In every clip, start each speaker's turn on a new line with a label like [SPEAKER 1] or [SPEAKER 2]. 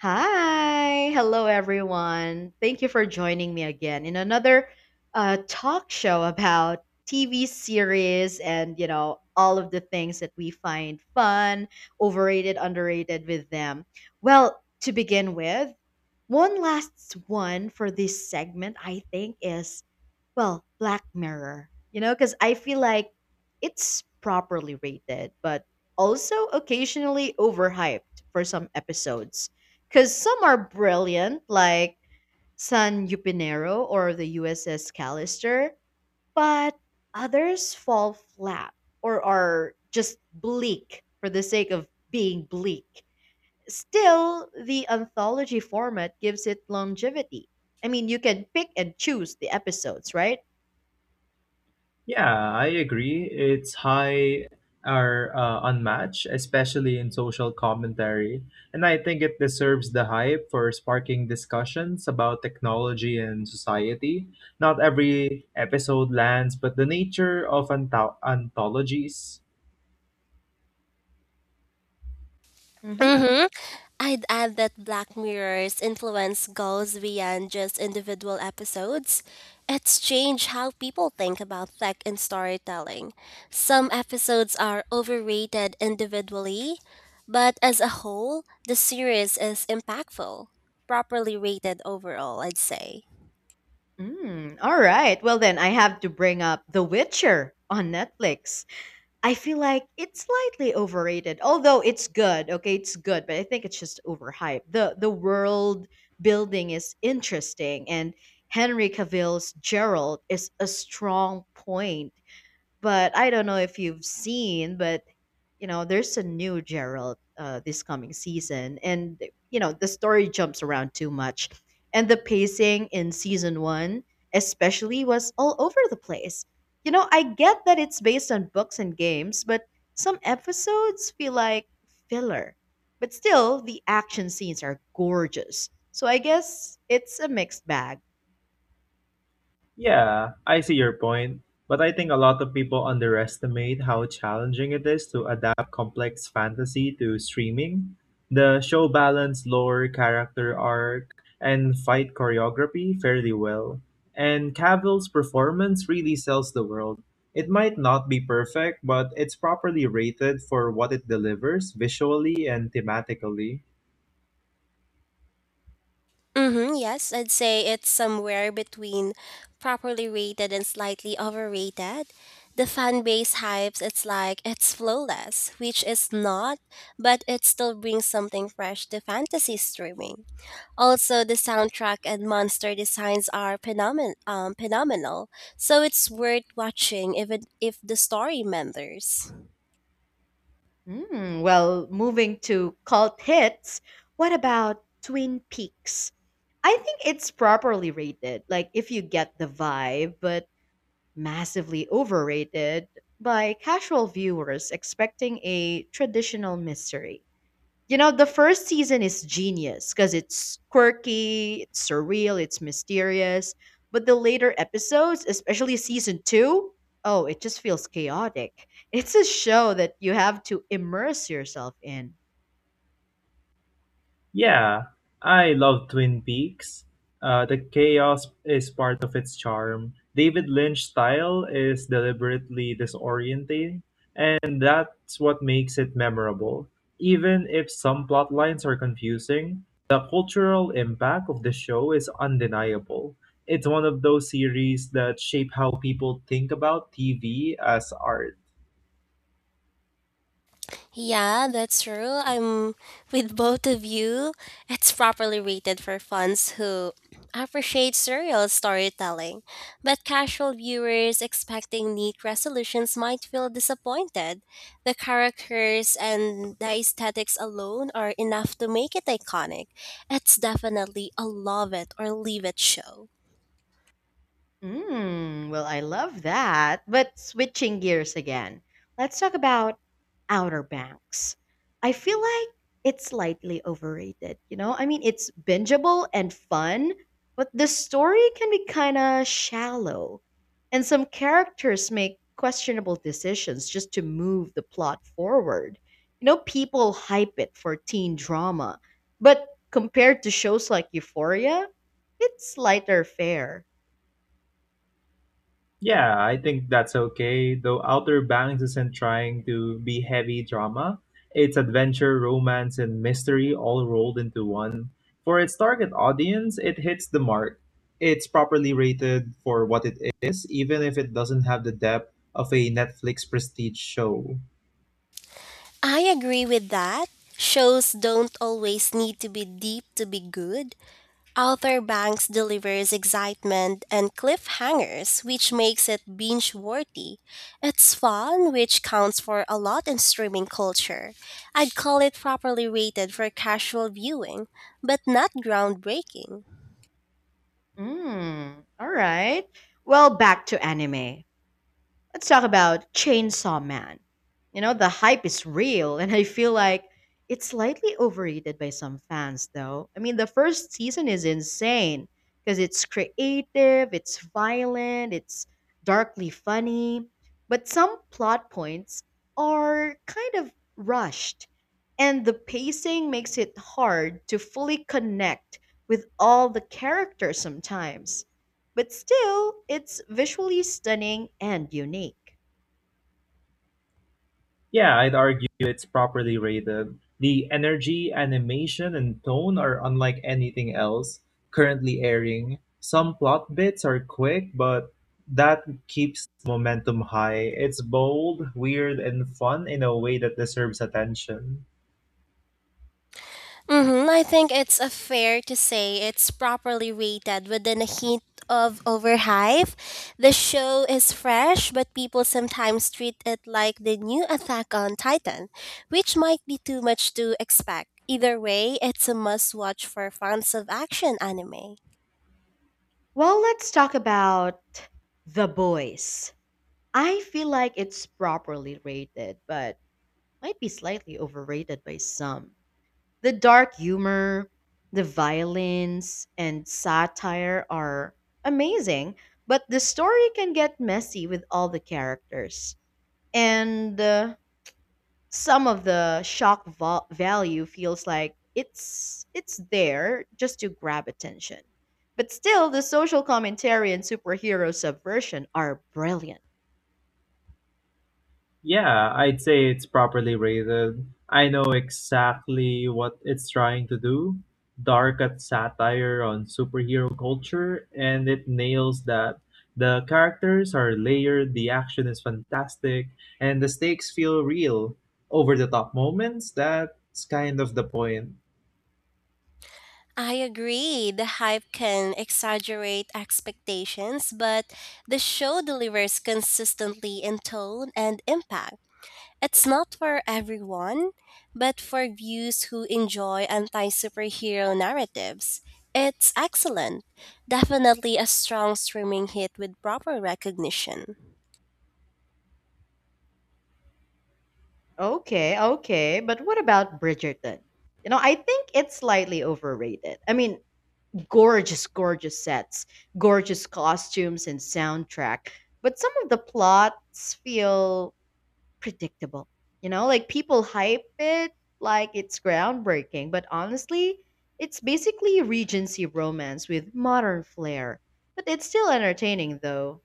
[SPEAKER 1] Hi, hello everyone. Thank you for joining me again in another talk show about TV series and you know all of the things that we find fun, overrated, underrated with them. Well, to begin with, one last one for this segment I think is well, Black Mirror, you know, because I feel like it's properly rated, but also occasionally overhyped for some episodes. Because some are brilliant, like San Yupinero or the USS Callister, but others fall flat or are just bleak for the sake of being bleak. Still, the anthology format gives it longevity. I mean, you can pick and choose the episodes, right?
[SPEAKER 2] Yeah, I agree. Its high are unmatched, especially in social commentary, and I think it deserves the hype for sparking discussions about technology and society. Not every episode lands, but the nature of anthologies.
[SPEAKER 1] Hmm.
[SPEAKER 3] Mm-hmm. I'd add that Black Mirror's influence goes beyond just individual episodes. It's changed how people think about tech and storytelling. Some episodes are overrated individually, but as a whole, the series is impactful, properly rated overall, I'd say.
[SPEAKER 1] Mm, all right. Well, then I have to bring up The Witcher on Netflix. I feel like it's slightly overrated, although it's good. Okay, it's good, but I think it's just overhyped. The world building is interesting, and Henry Cavill's Gerald is a strong point. But I don't know if you've seen, but you know, there's a new Gerald this coming season, and you know the story jumps around too much, and the pacing in season one, especially, was all over the place. You know, I get that it's based on books and games, but some episodes feel like filler. But still, the action scenes are gorgeous. So I guess it's a mixed bag.
[SPEAKER 2] Yeah, I see your point, but I think a lot of people underestimate how challenging it is to adapt complex fantasy to streaming. The show balanced lore, character arc, and fight choreography fairly well, and Cavill's performance really sells the world. It might not be perfect, but it's properly rated for what it delivers visually and thematically.
[SPEAKER 3] Mm-hmm, yes, I'd say it's somewhere between properly rated and slightly overrated. The fan base hypes it's like it's flawless, which is not, but it still brings something fresh to fantasy streaming. Also, the soundtrack and monster designs are phenomenal, so it's worth watching even if the story meanders.
[SPEAKER 1] Mm, well, moving to cult hits, what about Twin Peaks? I think it's properly rated, like if you get the vibe, but massively overrated by casual viewers expecting a traditional mystery. You know, the first season is genius because it's quirky, it's surreal, it's mysterious. But the later episodes, especially season two, oh, it just feels chaotic. It's a show that you have to immerse yourself in.
[SPEAKER 2] Yeah, I love Twin Peaks. The chaos is part of its charm. David Lynch's style is deliberately disorienting, and that's what makes it memorable. Even if some plot lines are confusing, the cultural impact of the show is undeniable. It's one of those series that shape how people think about TV as art.
[SPEAKER 3] Yeah, that's true. I'm with both of you. It's properly rated for fans who appreciate serial storytelling, but casual viewers expecting neat resolutions might feel disappointed. The characters and the aesthetics alone are enough to make it iconic. It's definitely a love it or leave it show.
[SPEAKER 1] Mm, well, I love that. But switching gears again, let's talk about Outer Banks. I feel like it's slightly overrated, you know? I mean, it's bingeable and fun, but the story can be kind of shallow. And some characters make questionable decisions just to move the plot forward. You know, people hype it for teen drama, but compared to shows like Euphoria, it's lighter fare.
[SPEAKER 2] Yeah, I think that's okay. Though Outer Banks isn't trying to be heavy drama, it's adventure, romance, and mystery all rolled into one. For its target audience, it hits the mark. It's properly rated for what it is, even if it doesn't have the depth of a Netflix prestige show.
[SPEAKER 3] I agree with that. Shows don't always need to be deep to be good. Arthur Banks delivers excitement and cliffhangers, which makes it binge worthy. It's fun, which counts for a lot in streaming culture. I'd call it properly rated for casual viewing, but not groundbreaking.
[SPEAKER 1] Mm, all right. Well, back to anime. Let's talk about Chainsaw Man. You know, the hype is real, and I feel like it's slightly overrated by some fans, though. I mean, the first season is insane because it's creative, it's violent, it's darkly funny, but some plot points are kind of rushed, and the pacing makes it hard to fully connect with all the characters sometimes but still, it's visually stunning and unique.
[SPEAKER 2] Yeah, I'd argue it's properly rated. The energy, animation, and tone are unlike anything else currently airing. Some plot bits are quick, but that keeps momentum high. It's bold, weird, and fun in a way that deserves attention.
[SPEAKER 3] Mm-hmm. I think it's a fair to say it's properly rated within a hint of overhype. The show is fresh, but people sometimes treat it like the new Attack on Titan, which might be too much to expect. Either way, it's a must watch for fans of action anime.
[SPEAKER 1] Well, let's talk about The Boys. I feel like it's properly rated, but might be slightly overrated by some. The dark humor, the violence, and satire are amazing, but the story can get messy with all the characters. And some of the value feels like it's there just to grab attention. But still, the social commentary and superhero subversion are brilliant.
[SPEAKER 2] Yeah, I'd say it's properly rated. I know exactly what it's trying to do. Dark at satire on superhero culture, and it nails that. The characters are layered, the action is fantastic, and the stakes feel real. Over the top moments, that's kind of the point.
[SPEAKER 3] I agree, the hype can exaggerate expectations, but the show delivers consistently in tone and impact. It's not for everyone, but for views who enjoy anti superhero narratives, it's excellent. Definitely a strong streaming hit with proper recognition.
[SPEAKER 1] Okay, okay, but what about Bridgerton? You know, I think it's slightly overrated. I mean, gorgeous, gorgeous sets, gorgeous costumes, and soundtrack, but some of the plots feel predictable. You know, like people hype it like it's groundbreaking, but honestly, it's basically Regency romance with modern flair. But it's still entertaining though.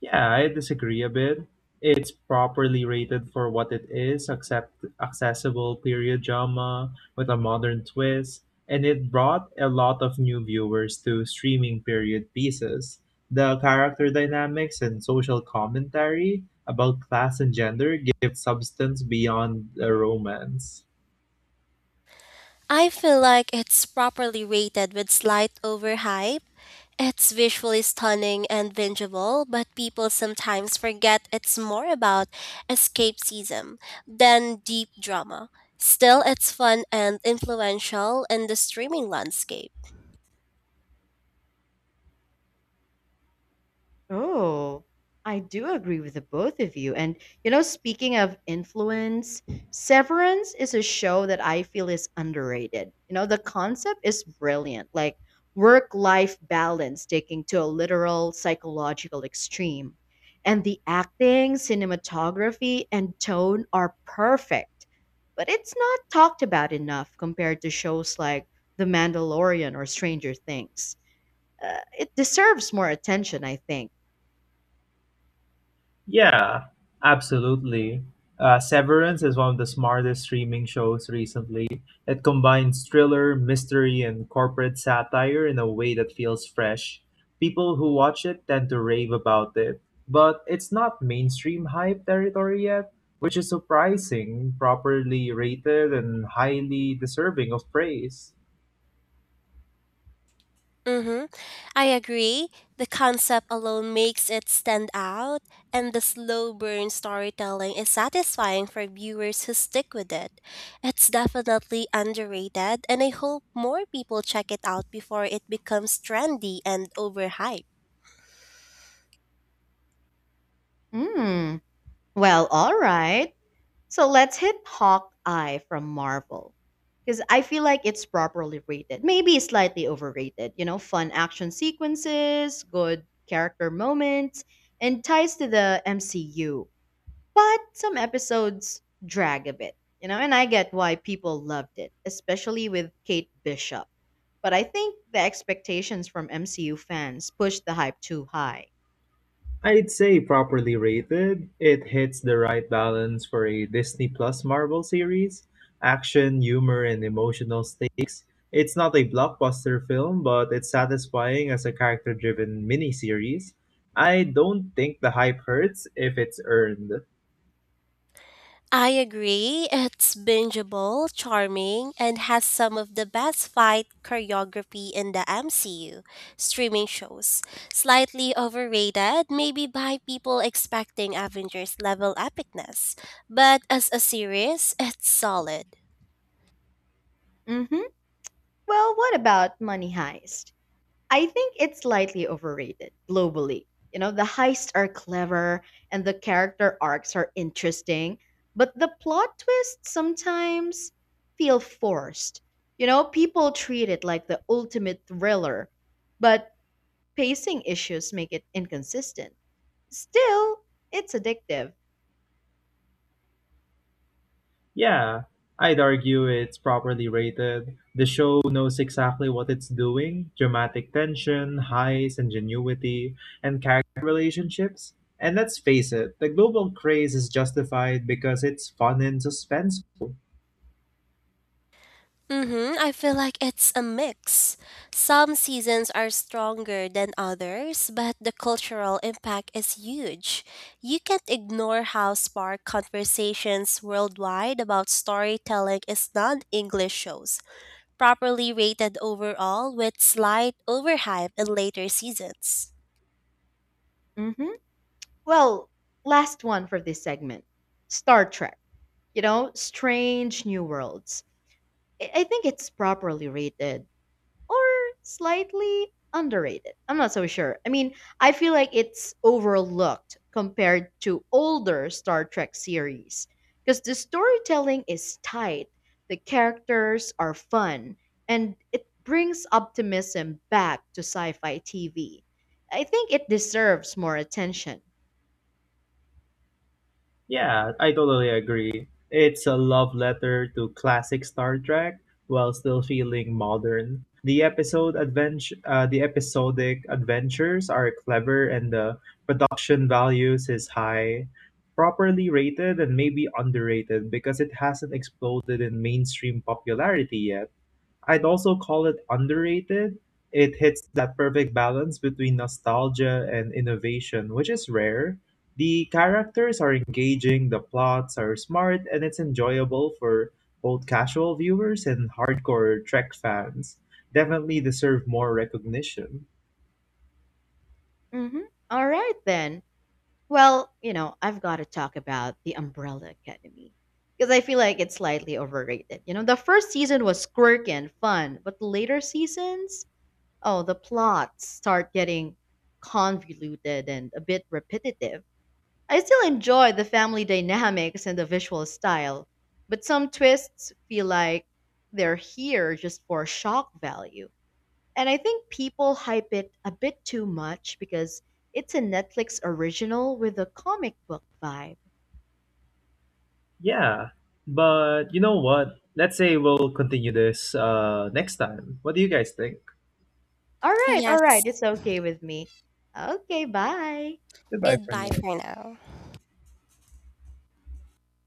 [SPEAKER 2] Yeah, I disagree a bit. It's properly rated for what it is, accept accessible period drama with a modern twist, and it brought a lot of new viewers to streaming period pieces. The character dynamics and social commentary about class and gender give substance beyond the romance.
[SPEAKER 3] I feel like it's properly rated with slight overhype. It's visually stunning and bingeable, but people sometimes forget it's more about escapism than deep drama. Still, it's fun and influential in the streaming landscape.
[SPEAKER 1] Oh, I do agree with the both of you. And, you know, speaking of influence, Severance is a show that I feel is underrated. You know, the concept is brilliant, like work life balance taking to a literal psychological extreme. And the acting, cinematography, and tone are perfect. But it's not talked about enough compared to shows like The Mandalorian or Stranger Things. It deserves more attention, I think.
[SPEAKER 2] Yeah, absolutely. Severance is one of the smartest streaming shows recently. It combines thriller, mystery, and corporate satire in a way that feels fresh. People who watch it tend to rave about it, but it's not mainstream hype territory yet, which is surprising, properly rated, and highly deserving of praise.
[SPEAKER 3] Mm-hmm. I agree. The concept alone makes it stand out, and the slow burn storytelling is satisfying for viewers who stick with it. It's definitely underrated, and I hope more people check it out before it becomes trendy and overhyped.
[SPEAKER 1] Mm, well, all right. So let's hit Hawkeye from Marvel. Because I feel like it's properly rated. Maybe slightly overrated. You know, fun action sequences, good character moments, and ties to the MCU. But some episodes drag a bit, you know, and I get why people loved it, especially with Kate Bishop. But I think the expectations from MCU fans pushed the hype too high.
[SPEAKER 2] I'd say properly rated, it hits the right balance for a Disney Plus Marvel series. Action, humor, and emotional stakes. It's not a blockbuster film, but it's satisfying as a character driven miniseries. I don't think the hype hurts if it's earned.
[SPEAKER 3] I agree. It's bingeable, charming, and has some of the best fight choreography in the MCU streaming shows. Slightly overrated, maybe by people expecting Avengers level epicness, but as a series, it's solid.
[SPEAKER 1] Mm hmm. Well, what about Money Heist? I think it's slightly overrated globally. You know, the heists are clever and the character arcs are interesting, but the plot twists sometimes feel forced. You know, people treat it like the ultimate thriller, but pacing issues make it inconsistent. Still, it's addictive.
[SPEAKER 2] Yeah, I'd argue it's properly rated. The show knows exactly what it's doing dramatic tension, highs, ingenuity, and character relationships. And let's face it, the global craze is justified because it's fun and suspenseful.
[SPEAKER 3] Mm-hmm. I feel like it's a mix. Some seasons are stronger than others, but the cultural impact is huge. You can't ignore how spark conversations worldwide about storytelling is non English shows, properly rated overall with slight overhype in later seasons.
[SPEAKER 1] Hmm. Well, last one for this segment Star Trek. You know, Strange New Worlds. I think it's properly rated or slightly underrated. I'm not so sure. I mean, I feel like it's overlooked compared to older Star Trek series because the storytelling is tight, the characters are fun, and it brings optimism back to sci fi TV. I think it deserves more attention.
[SPEAKER 2] Yeah, I totally agree. It's a love letter to classic Star Trek while still feeling modern. The episodic adventures are clever, and the production values is high, properly rated, and maybe underrated because it hasn't exploded in mainstream popularity yet. I'd also call it underrated. It hits that perfect balance between nostalgia and innovation, which is rare. The characters are engaging, the plots are smart, and it's enjoyable for both casual viewers and hardcore Trek fans. Definitely deserve more recognition.
[SPEAKER 1] Mhm. All right, then. Well, you know, I've got to talk about The Umbrella Academy because I feel like it's slightly overrated. You know, the first season was quirky and fun, but the later seasons, oh, the plots start getting convoluted and a bit repetitive. I still enjoy the family dynamics and the visual style, but some twists feel like they're here just for shock value. And I think people hype it a bit too much because it's a Netflix original with a comic book vibe.
[SPEAKER 2] Yeah, but you know what? Let's say we'll continue this next time. What do you guys think?
[SPEAKER 1] All right,
[SPEAKER 3] Yes,
[SPEAKER 1] it's okay with me. Okay, bye.
[SPEAKER 2] Goodbye for
[SPEAKER 3] goodbye
[SPEAKER 2] now.
[SPEAKER 3] for now.